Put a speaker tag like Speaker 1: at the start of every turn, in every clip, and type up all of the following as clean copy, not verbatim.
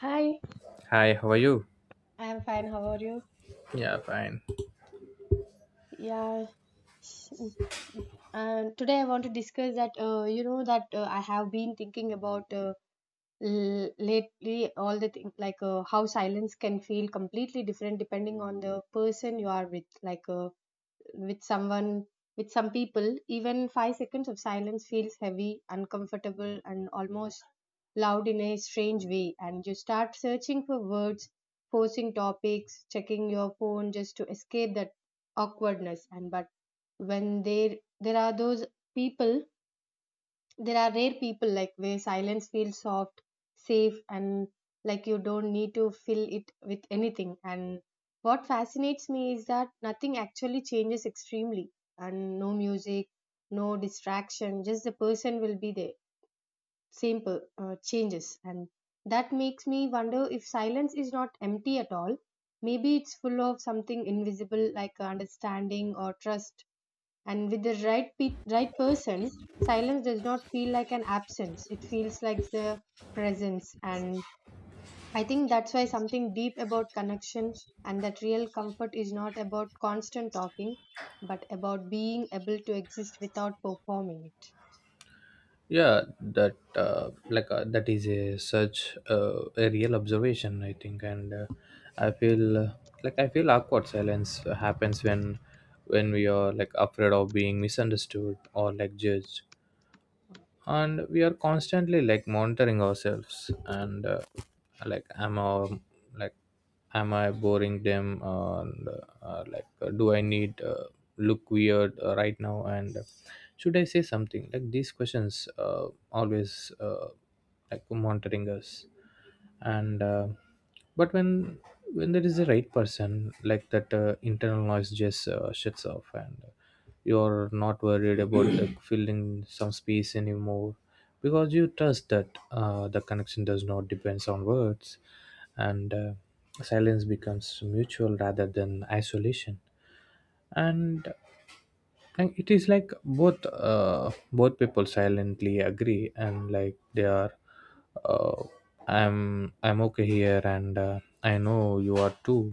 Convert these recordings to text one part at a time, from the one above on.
Speaker 1: Hi.
Speaker 2: Hi, how are you?
Speaker 1: I am fine. How are you?
Speaker 2: Yeah, fine.
Speaker 1: Yeah. s- Today I want to discuss that I have been thinking about lately all the thing like how silence can feel completely different depending on the person you are with. Like, with someone with some people, even 5 seconds of silence feels heavy, uncomfortable, and almost loud in a strange way, and you start searching for words, forcing topics, checking your phone just to escape that awkwardness. And but when there are those people, there are rare people like where silence feels soft, safe, and like you don't need to fill it with anything. And what fascinates me is that nothing actually changes extremely, and no music, no distraction, just the person will be there, same changes. And that makes me wonder if silence is not empty at all, maybe it's full of something invisible like understanding or trust. And with the right right person, silence does not feel like an absence, it feels like the presence. And I think that's why something deep about connection, and that real comfort is not about constant talking, but about being able to exist without performing it.
Speaker 2: Yeah, that that is a such a real observation, I think, and I feel like I feel awkward silence happens when we are like afraid of being misunderstood or like judged. And we are constantly like monitoring ourselves and am I like am I boring them and do I need look weird right now and should I say something, like these questions always, like monitoring us and but when there is a right person, like that internal noise just shuts off and you're not worried about, like, filling some space anymore because you trust that the connection does not depends on words and silence becomes mutual rather than isolation. and and it is like both people silently agree, and like they are, uh, I'm okay here, and I know you are too.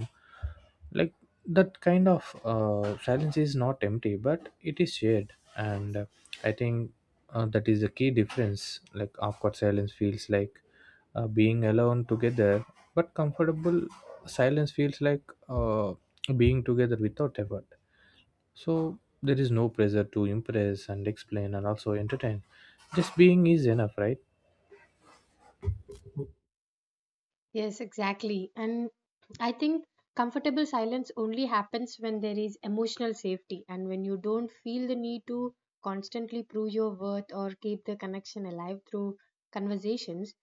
Speaker 2: Like that kind of silence is not empty, but it is shared. And I think that is the key difference. Like awkward silence feels like being alone together, but comfortable silence feels like uh, being together without effort. So there is no pressure to impress and explain and also entertain. Just being is enough, right?
Speaker 1: Yes, exactly. And I think comfortable silence only happens when there is emotional safety, and when you don't feel the need to constantly prove your worth or keep the connection alive through conversations.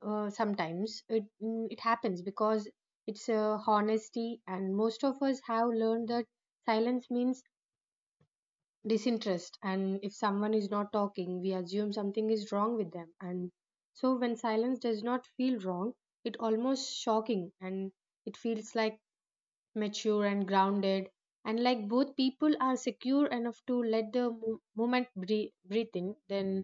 Speaker 1: Sometimes it happens because it's a honesty, and most of us have learned that silence means disinterest, and if someone is not talking, we assume something is wrong with them. And so when silence does not feel wrong, it almost shocking, and it feels like mature and grounded, and like both people are secure enough to let the moment breathe, breathe in. Then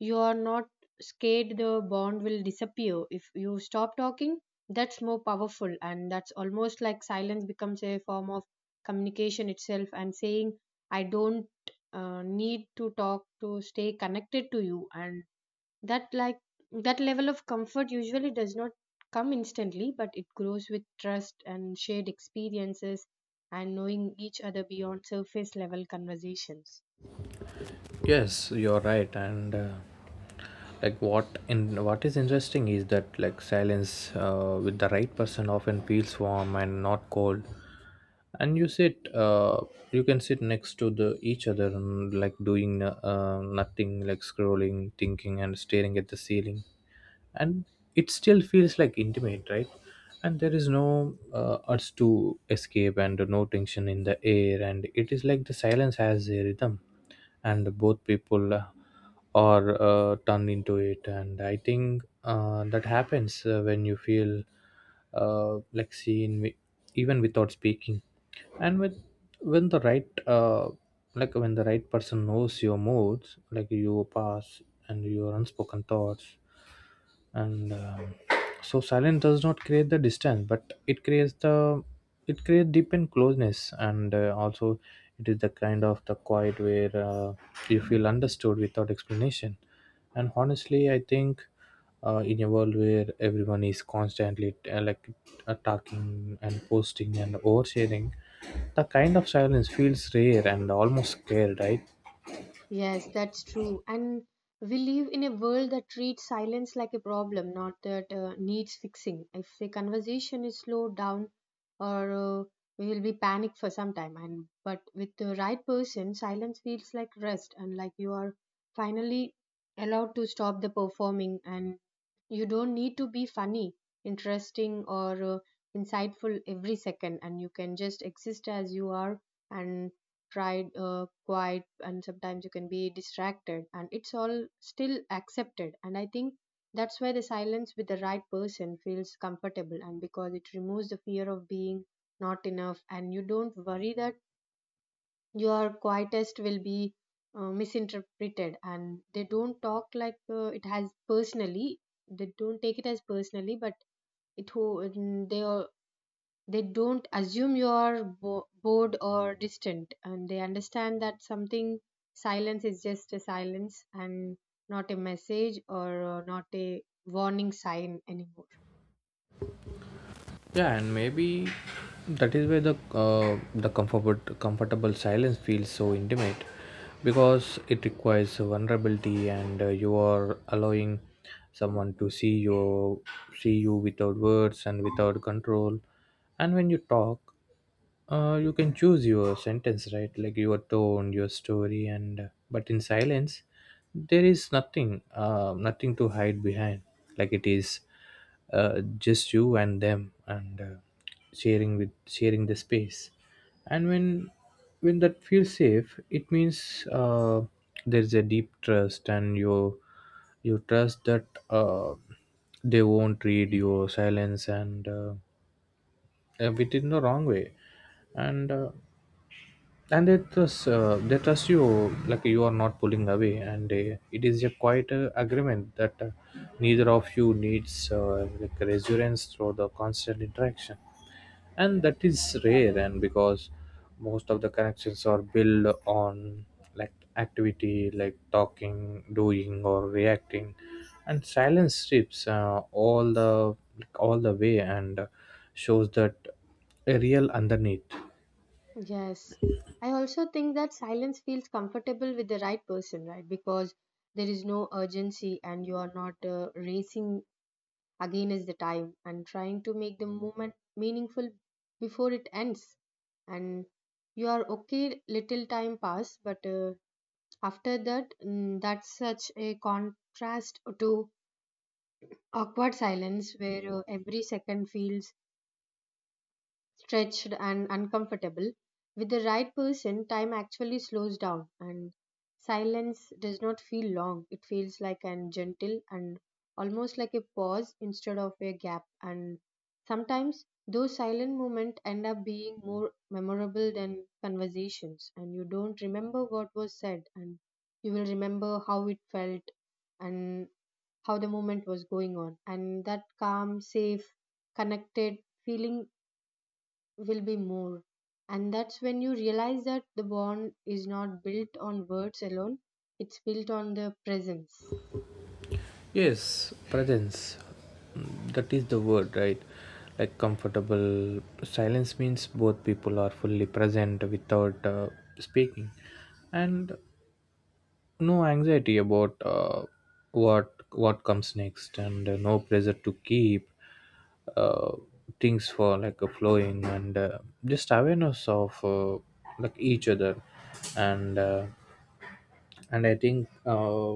Speaker 1: you are not scared the bond will disappear if you stop talking. That's more powerful, and that's almost like silence becomes a form of communication itself. And saying, I don't need to talk to stay connected to you, and that level of comfort usually does not come instantly, but it grows with trust and shared experiences, and knowing each other beyond surface level conversations.
Speaker 2: Yes, you're right. and Like what in what is interesting is that like silence with the right person often feels warm and not cold, and you sit you can sit next to the each other and like doing nothing, like scrolling, thinking and staring at the ceiling, and it still feels like intimate, right? And there is no urge to escape and no tension in the air, and it is like the silence has a rhythm, and both people are turned into it. And I think that happens when you feel like even without speaking. And with when the like when the right person knows your moods, like your past and your unspoken thoughts, and so silence does not create the distance, but it creates the it creates deepened closeness. And Also, it is the kind of the quiet where you feel understood without explanation. And honestly, I think in a world where everyone is constantly talking and posting and oversharing, the kind of silence feels rare and almost scared, right?
Speaker 1: Yes, that's true. And we live in a world that treats silence like a problem, not that needs fixing. If a conversation is slowed down, or we will be panicked for some time. And but with the right person, silence feels like rest, and like you are finally allowed to stop the performing, and you don't need to be funny, interesting, or insightful every second, and you can just exist as you are, and tried quiet, and sometimes you can be distracted, and it's all still accepted. And I think that's why the silence with the right person feels comfortable, and because it removes the fear of being not enough, and you don't worry that your quietest will be misinterpreted, and they don't talk like it has personally, they don't take it as personally. But it who they don't assume you are bored or distant, and they understand that something silence is just a silence, and not a message, or not a warning sign anymore.
Speaker 2: Yeah, and maybe that is where the comfortable silence feels so intimate, because it requires vulnerability. And You are allowing someone to see you without words and without control. And when you talk, you can choose your sentence, right? Like your tone, your story. And But in silence, there is nothing to hide behind. Like it is, just you and them, and sharing with sharing the space. And when that feels safe, it means there's a deep trust, and you trust that they won't read your silence and with in the wrong way, and uh, and they trust you, like you are not pulling away. And It is a quite agreement that neither of you needs like reassurance through the constant interaction. And that is rare, and because most of the connections are built on like activity, like talking, doing or reacting, and silence strips all the like, all the way and shows that a real underneath.
Speaker 1: Yes, I also think that silence feels comfortable with the right person, right? Because there is no urgency, and you are not racing against the time and trying to make the moment meaningful before it ends. And you are okay little time pass, but after that, that's such a contrast to awkward silence where every second feels stretched and uncomfortable. With the right person, time actually slows down, and silence does not feel long. It feels like an gentle, and almost like a pause instead of a gap. And sometimes those silent moments end up being more memorable than conversations. And you don't remember what was said, and you will remember how it felt, and how the moment was going on. And that calm, safe, connected feeling will be more. And that's when you realize that the bond is not built on words alone, it's built on the presence.
Speaker 2: Yes, presence. Mm, that is the word, right? Like comfortable silence means both people are fully present without speaking, and no anxiety about what comes next, and no pressure to keep uh, things for like a flowing, and just awareness of like each other. and uh, and I think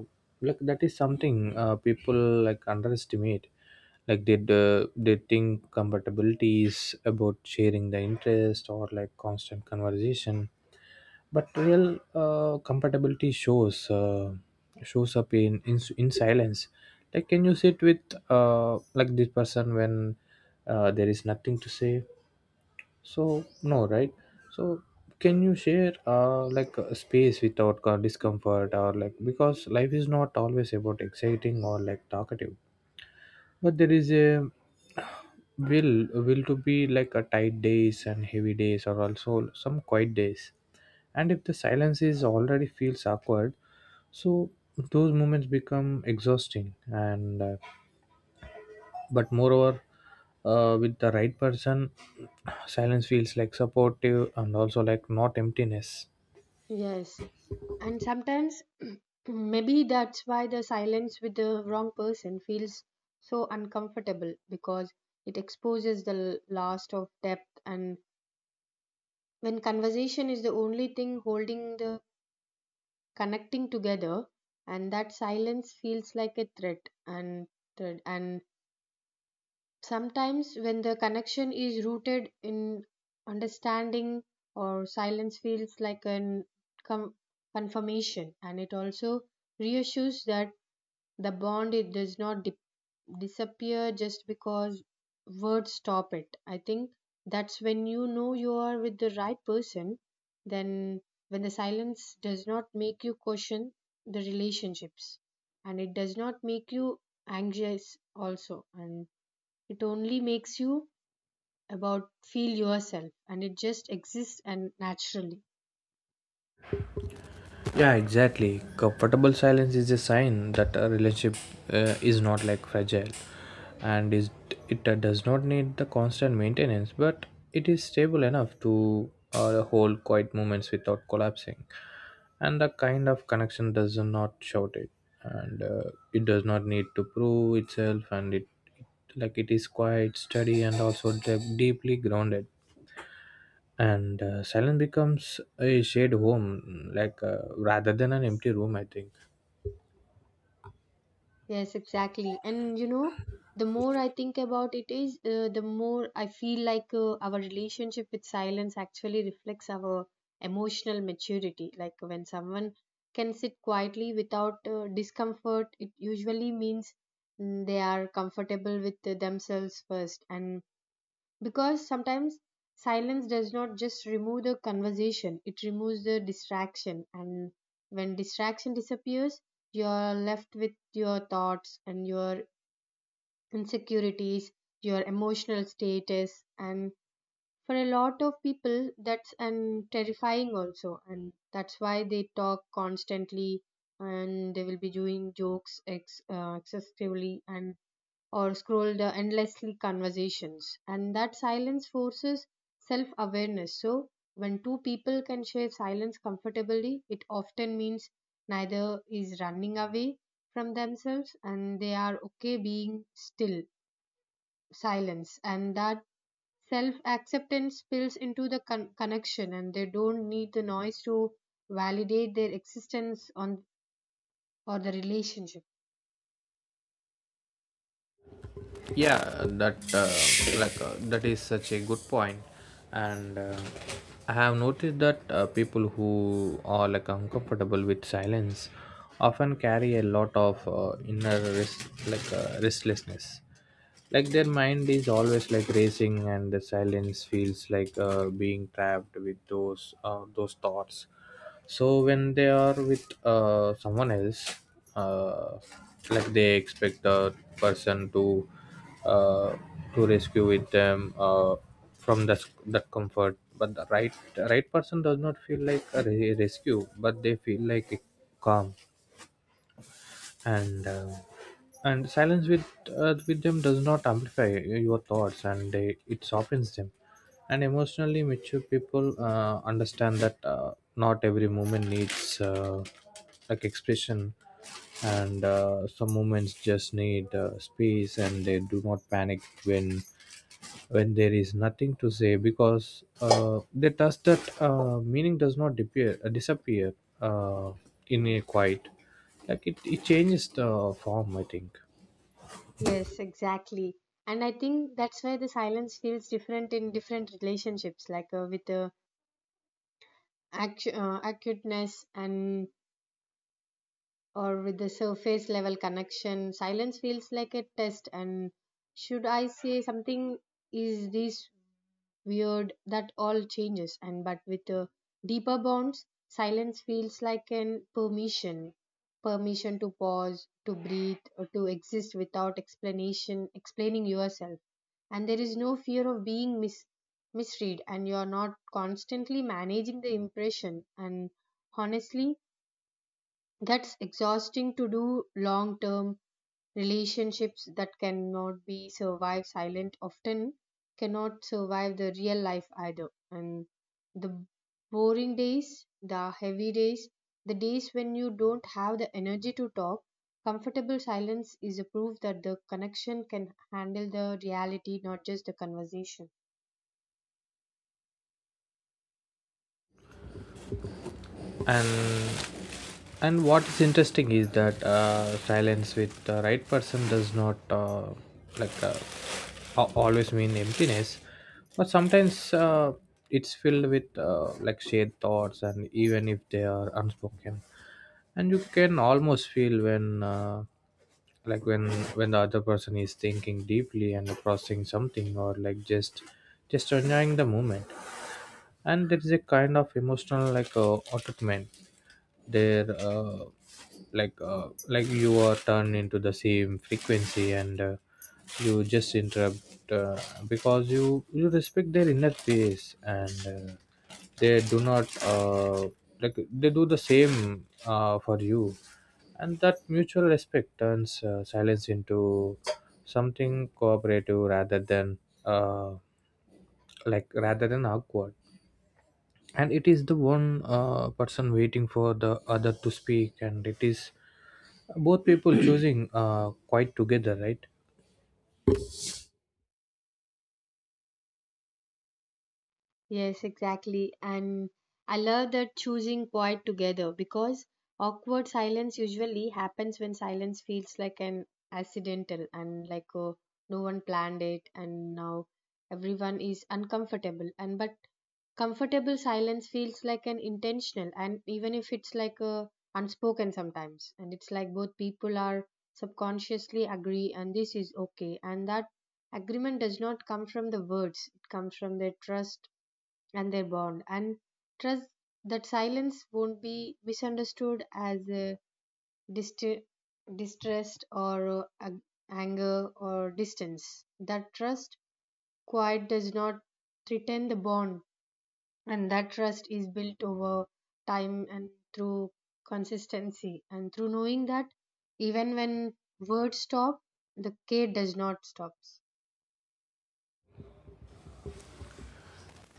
Speaker 2: like that is something people like underestimate. Like they think compatibility is about sharing the interest or like constant conversation, but real compatibility shows up in silence. Like can you sit with like this person when there is nothing to say? So no, right? So can you share like a space without discomfort or like, because life is not always about exciting or like talkative, but there is a will will to be like a tight days and heavy days or also some quiet days. And if the silence is already feels awkward, so those moments become exhausting. And But moreover, with the right person silence feels like supportive and also like not emptiness.
Speaker 1: Yes. And sometimes maybe that's why the silence with the wrong person feels so uncomfortable, because it exposes the last of depth. And when conversation is the only thing holding the connecting together, and that silence feels like a threat and thread. And sometimes, when the connection is rooted in understanding, or silence feels like an com- confirmation, and it also reassures that the bond it does not disappear just because words stop it. I think that's when you know you are with the right person. Then, when the silence does not make you question the relationships, and it does not make you anxious also, and it only makes you about feel yourself, and it just exists and naturally.
Speaker 2: Yeah, exactly. Comfortable silence is a sign that a relationship is not like fragile, and is it does not need the constant maintenance, but it is stable enough to hold quiet moments without collapsing. And the kind of connection does not shout it, and it does not need to prove itself, and it it is quite steady and also deeply grounded. And Silence becomes a shared home, like rather than an empty room, I think.
Speaker 1: Yes, exactly. And you know, the more I think about it is, the more I feel like our relationship with silence actually reflects our emotional maturity. Like when someone can sit quietly without discomfort, it usually means they are comfortable with themselves first. And because sometimes silence does not just remove the conversation, it removes the distraction. And when distraction disappears, you're left with your thoughts and your insecurities, your emotional status. And for a lot of people, that's and terrifying also, and that's why they talk constantly, and they will be doing jokes excessively, and or scroll the endlessly conversations. And that silence forces self awareness. So when two people can share silence comfortably, it often means neither is running away from themselves, and they are okay being still silence. And that self acceptance spills into the connection, and they don't need the noise to validate their existence on or the relationship.
Speaker 2: Yeah, that that is such a good point. And I have noticed that people who are like uncomfortable with silence often carry a lot of inner rest, like restlessness, like their mind is always like racing and the silence feels like being trapped with those thoughts. So when they are with someone else, uh, like they expect the person to, uh, to rescue with them, from the, that comfort. But the right person does not feel like a rescue, but they feel like a calm. And uh, and silence with them does not amplify your thoughts, and they, it softens them. And emotionally mature people understand that not every moment needs like expression, and some moments just need space, and they do not panic when there is nothing to say, because they trust that meaning does not disappear, uh, in a quiet. Like it changes the form, I think.
Speaker 1: Yes, exactly. And I think that's why the silence feels different in different relationships, like with the acuteness, and or with the surface level connection. Silence feels like a test. And should I say something? Is this weird? That all changes. And but with deeper bonds, silence feels like an permission, permission to pause, to breathe, or to exist without explanation explaining yourself. And there is no fear of being misread, and you are not constantly managing the impression. And honestly, that's exhausting to do long term. Relationships that cannot be survived silent often cannot survive the real life either. And the boring days, the heavy days, the days when you don't have the energy to talk, comfortable silence is a proof that the connection can handle the reality, not just the conversation.
Speaker 2: and and what is interesting is that silence with the right person does not like uh, always mean emptiness, but sometimes it's filled with like shared thoughts, and even if they are unspoken. And you can almost feel when like when when the other person is thinking deeply and processing something, or like just enjoying the moment. And there is a kind of emotional like attachment there, like you are turned into the same frequency, and you just interrupt, because you respect their inner peace, and they do not, they do the same for you. And that mutual respect turns silence into something cooperative rather than, uh, rather than awkward. And it is the one person waiting for the other to speak, and it is both people choosing quite together, right?
Speaker 1: Yes, exactly. And I love that choosing quiet together, because awkward silence usually happens when silence feels like an accidental, and like oh, no one planned it, and now everyone is uncomfortable. And but comfortable silence feels like an intentional, and even if it's like a unspoken sometimes, and it's like both people are subconsciously agree, and this is okay. And that agreement does not come from the words, it comes from their trust and their bond. And trust that silence won't be misunderstood as dist- distrust, or anger, or distance. That trust quite does not threaten the bond. And that trust is built over time, and through consistency, and through knowing that even when words stop, the care does not stop.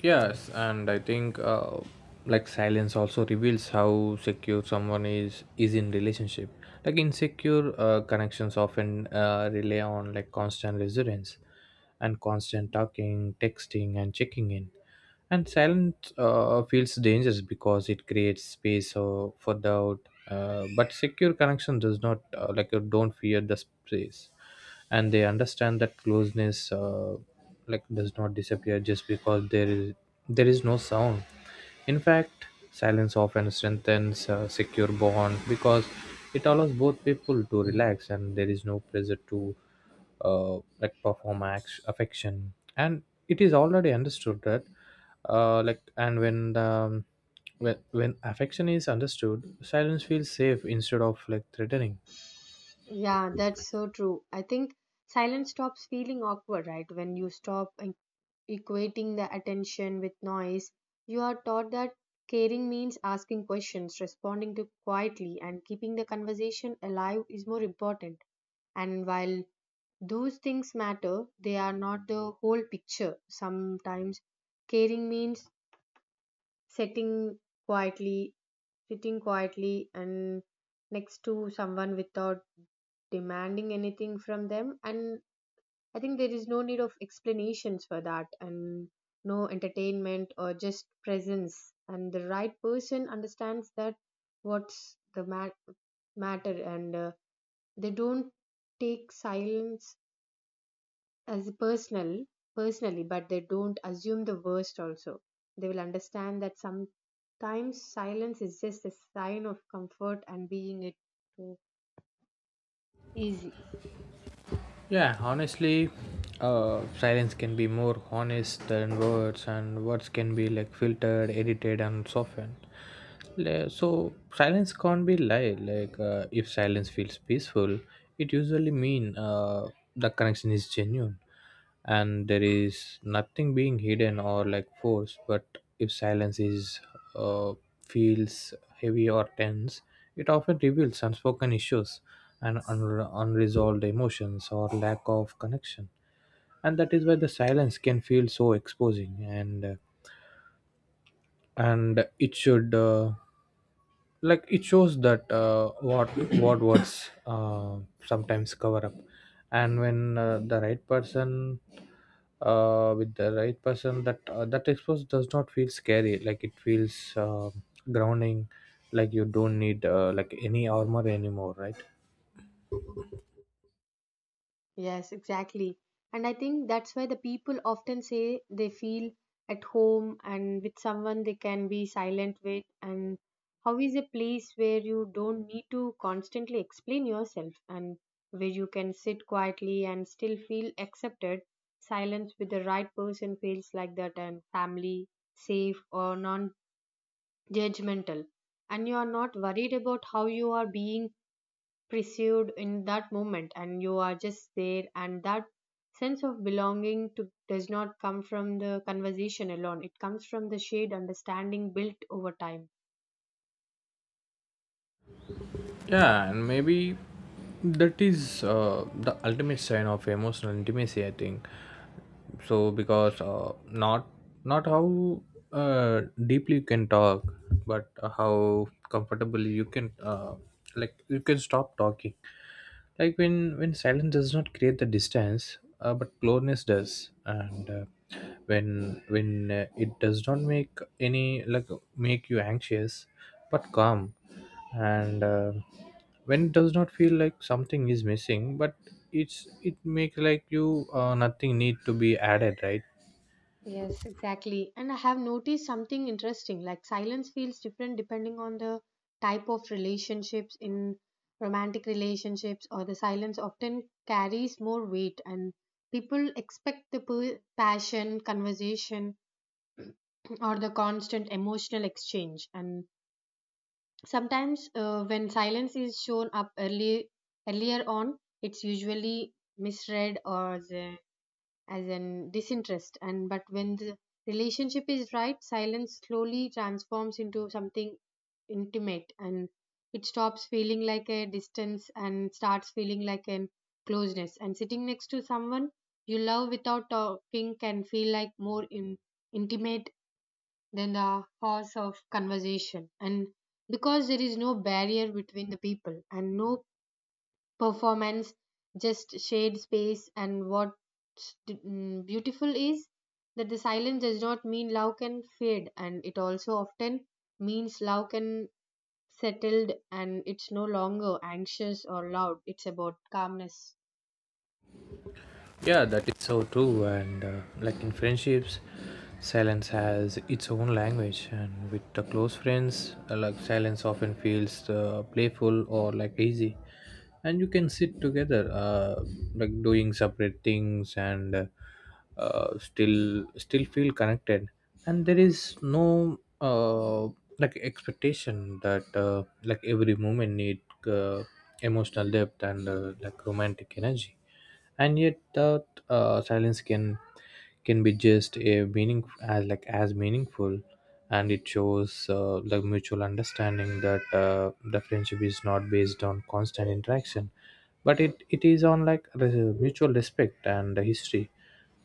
Speaker 2: Yes, and I think like silence also reveals how secure someone is in relationship. Like insecure connections often rely on like constant resonance, and constant talking, texting and checking in. And silence feels dangerous because it creates space for doubt. But secure connection does not don't fear the space, and they understand that closeness like does not disappear just because there is no sound. In fact, silence often strengthens a secure bond because it allows both people to relax, and there is no pressure to like perform affection, and it is already understood that like and when the when affection is understood silence feels safe instead of like threatening.
Speaker 1: Yeah, that's so true. I think silence stops feeling awkward, right? When you stop equating the attention with noise, you are taught that caring means asking questions, responding to quietly, and keeping the conversation alive is more important. And while those things matter, they are not the whole picture. Sometimes caring means setting quietly, sitting quietly and next to someone without demanding anything from them. And I think there is no need of explanations for that, and no entertainment, or just presence. And the right person understands that what's the matter, and they don't take silence as personally, but they don't assume the worst also. They will understand that sometimes silence is just a sign of comfort and being it too easy.
Speaker 2: Yeah, honestly, silence can be more honest than words, and words can be like filtered, edited and softened. So silence can't be lied like. If silence feels peaceful it usually mean, the connection is genuine and there is nothing being hidden or like forced. But if silence is, uh, feels heavy or tense, it often reveals unspoken issues and unresolved emotions or lack of connection. And that is why the silence can feel so exposing. And and it should, like it shows that what what words sometimes cover up. And when the right person, with the right person, that that expose does not feel scary. Like it feels grounding, like you don't need like any armor anymore, right?
Speaker 1: Yes, exactly. And I think that's why the people often say they feel at home and with someone they can be silent with. And how is a place where you don't need to constantly explain yourself, and where you can sit quietly and still feel accepted? Silence with the right person feels like that, and family, safe, or non judgmental. And you are not worried about how you are being pursued in that moment, and you are just there, and that sense of belonging to, does not come from the conversation alone. It comes from the shared understanding built over time.
Speaker 2: Yeah, and maybe that is the ultimate sign of emotional intimacy, I think. So because not not how uh, deeply you can talk, but how comfortably you can, like you can stop talking. Like when silence does not create the distance but closeness does. And when it does not make any like make you anxious but calm. And when it does not feel like something is missing but it makes like you nothing need to be added, right?
Speaker 1: Yes, exactly. And I have noticed something interesting. Like, silence feels different depending on the type of relationships. In romantic relationships, or the silence often carries more weight, and people expect the passion conversation or the constant emotional exchange. And sometimes, when silence is shown up early, earlier on, it's usually misread or as, a, as an disinterest. And but when the relationship is right, silence slowly transforms into something intimate, and it stops feeling like a distance and starts feeling like an closeness. And sitting next to someone you love without talking can feel like more in, intimate than the horse of conversation. And because there is no barrier between the people and no performance, just shared space. And what's beautiful is that the silence does not mean love can fade, and it also often means love can settled, and it's no longer anxious or loud. It's about calmness.
Speaker 2: Yeah, that is so true. And like in friendships, silence has its own language. And with the close friends, like silence often feels playful or like easy. And you can sit together, like doing separate things, and still feel connected. And there is no like expectation that like every moment need uh, emotional depth and like romantic energy. And yet that silence can be just a meaning as like as meaningful. And it shows the mutual understanding that the friendship is not based on constant interaction, but it is on like the mutual respect and the history.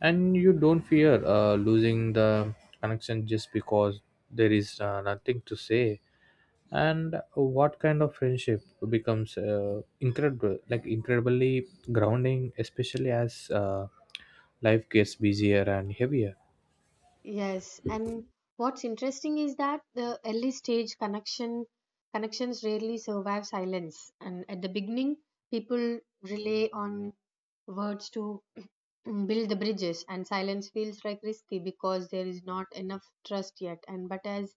Speaker 2: And you don't fear losing the connection just because there is nothing to say. And what kind of friendship becomes incredible, like incredibly grounding, especially as life gets busier and heavier.
Speaker 1: Yes, and what's interesting is that the early stage connections rarely survive silence. And at the beginning, people rely on words to build the bridges, and silence feels like risky because there is not enough trust yet. And but as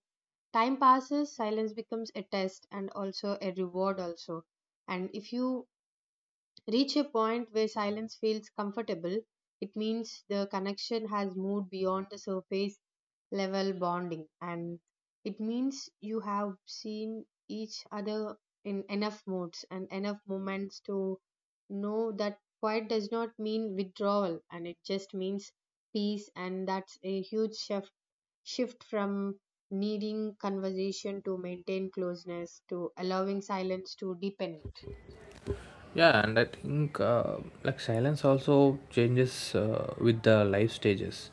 Speaker 1: time passes, silence becomes a test and also a reward also. And if you reach a point where silence feels comfortable, it means the connection has moved beyond the surface level bonding, and it means you have seen each other in enough moods and enough moments to know that quiet does not mean withdrawal, and it just means peace. And that's a huge shift from needing conversation to maintain closeness to allowing silence to deepen.
Speaker 2: Yeah, and I think like silence also changes with the life stages.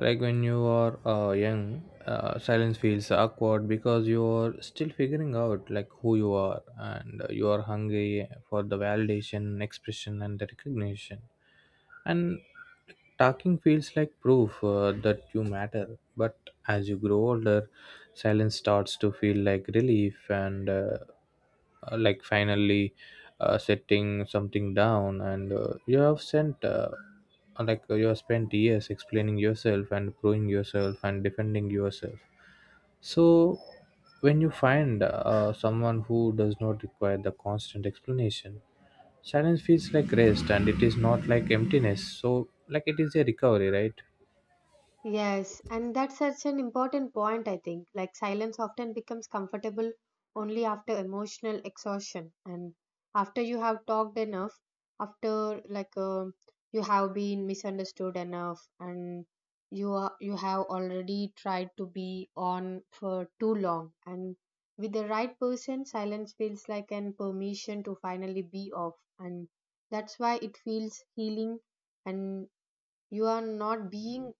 Speaker 2: Like when you are young, silence feels awkward because you're still figuring out like who you are, and you are hungry for the validation, expression and the recognition. And talking feels like proof that you matter. But as you grow older, silence starts to feel like relief, and like finally setting something down. And you have sent like you have spent years explaining yourself and proving yourself and defending yourself. So when you find someone who does not require the constant explanation, silence feels like rest, and it is not like emptiness, so like it is a recovery, right?
Speaker 1: Yes, and that's such an important point, I think. Like, silence often becomes comfortable only after emotional exhaustion, and after you have talked enough, after you have been misunderstood enough, and you have already tried to be on for too long. And with the right person, silence feels like an permission to finally be off, and that's why it feels healing. And you are not being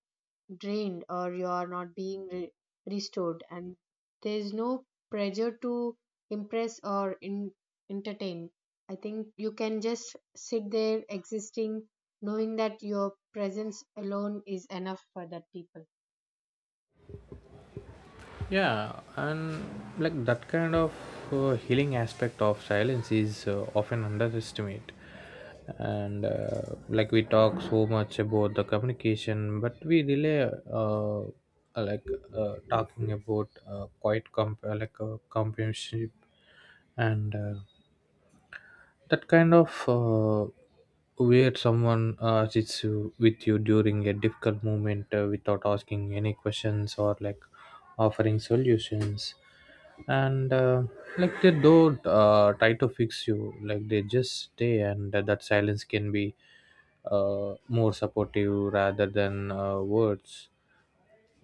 Speaker 1: drained, or you are not being restored, and there is no pressure to impress or entertain. I think you can just sit there existing, knowing that your presence alone is enough for that people.
Speaker 2: Yeah, and like that kind of healing aspect of silence is often underestimated. And like we talk so much about the communication, but we really uh, uh, like talking about like companionship. And that kind of where someone sits with you during a difficult moment without asking any questions or like offering solutions. And like they don't try to fix you, like they just stay. And that silence can be more supportive rather than words,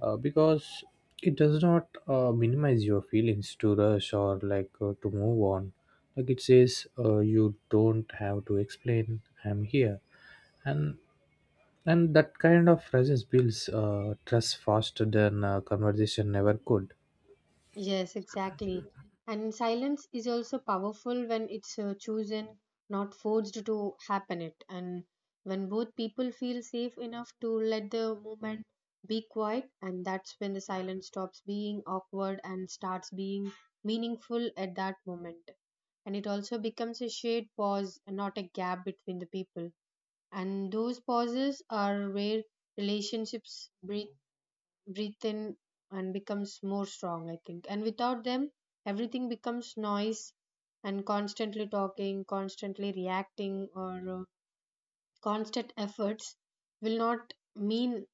Speaker 2: because it does not minimize your feelings to rush or like to move on. Like it says, you don't have to explain, I'm here. and and that kind of presence builds trust faster than conversation never could.
Speaker 1: Yes, exactly. And silence is also powerful when it's chosen, not forced to happen it. And when both people feel safe enough to let the movement be quiet, and that's when the silence stops being awkward and starts being meaningful at that moment. And it also becomes a shared pause, not a gap between the people. And those pauses are where relationships breathe in and becomes more strong, I think. And without them everything becomes noise, and constantly talking, constantly reacting, or constant efforts will not mean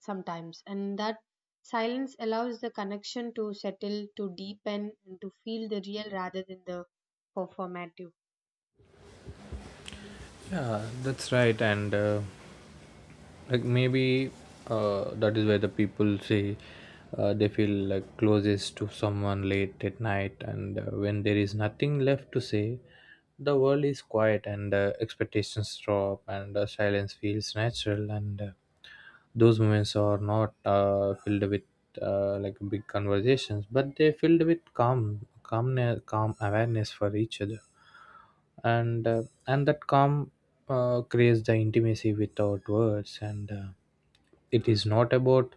Speaker 1: sometimes. And that silence allows the connection to settle, to deepen, and to feel the real rather than the performative.
Speaker 2: Yeah, that's right. And like maybe that is why the people say they feel like closest to someone late at night, and when there is nothing left to say the world is quiet, and expectations drop, and silence feels natural. And those moments are not filled with like big conversations, but they're filled with calm awareness for each other. And and that calm creates the intimacy without words. And it is not about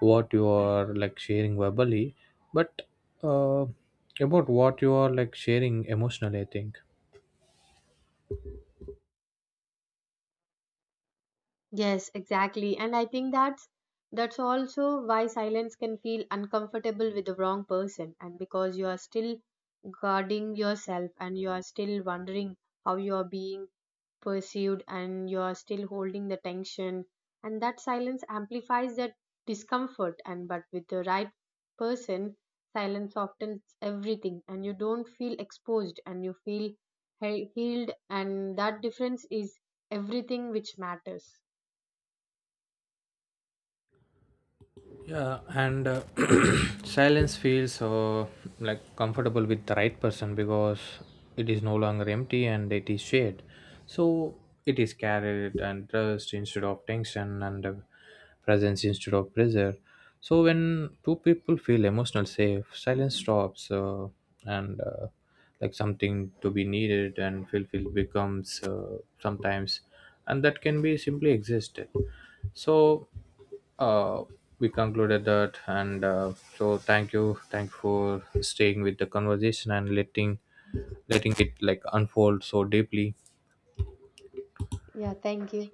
Speaker 2: what you are like sharing verbally, but uh, about what you are like sharing emotionally, I think.
Speaker 1: Yes, exactly. And I think that's also why silence can feel uncomfortable with the wrong person, and because you are still guarding yourself, and you are still wondering how you are being pursued, and you are still holding the tension, and that silence amplifies that discomfort. And but with the right person, silence softens everything, and you don't feel exposed, and you feel healed. And that difference is everything which matters.
Speaker 2: Yeah, and silence feels like comfortable with the right person because it is no longer empty and it is shared. So it is carried and trust instead of tension, and presence instead of pressure. So when two people feel emotional safe, silence stops, and like something to be needed and fulfilled, becomes sometimes, and that can be simply existed. So uh, we concluded that. And so thank you, for staying with the conversation and letting it like unfold so deeply.
Speaker 1: Yeah, thank you.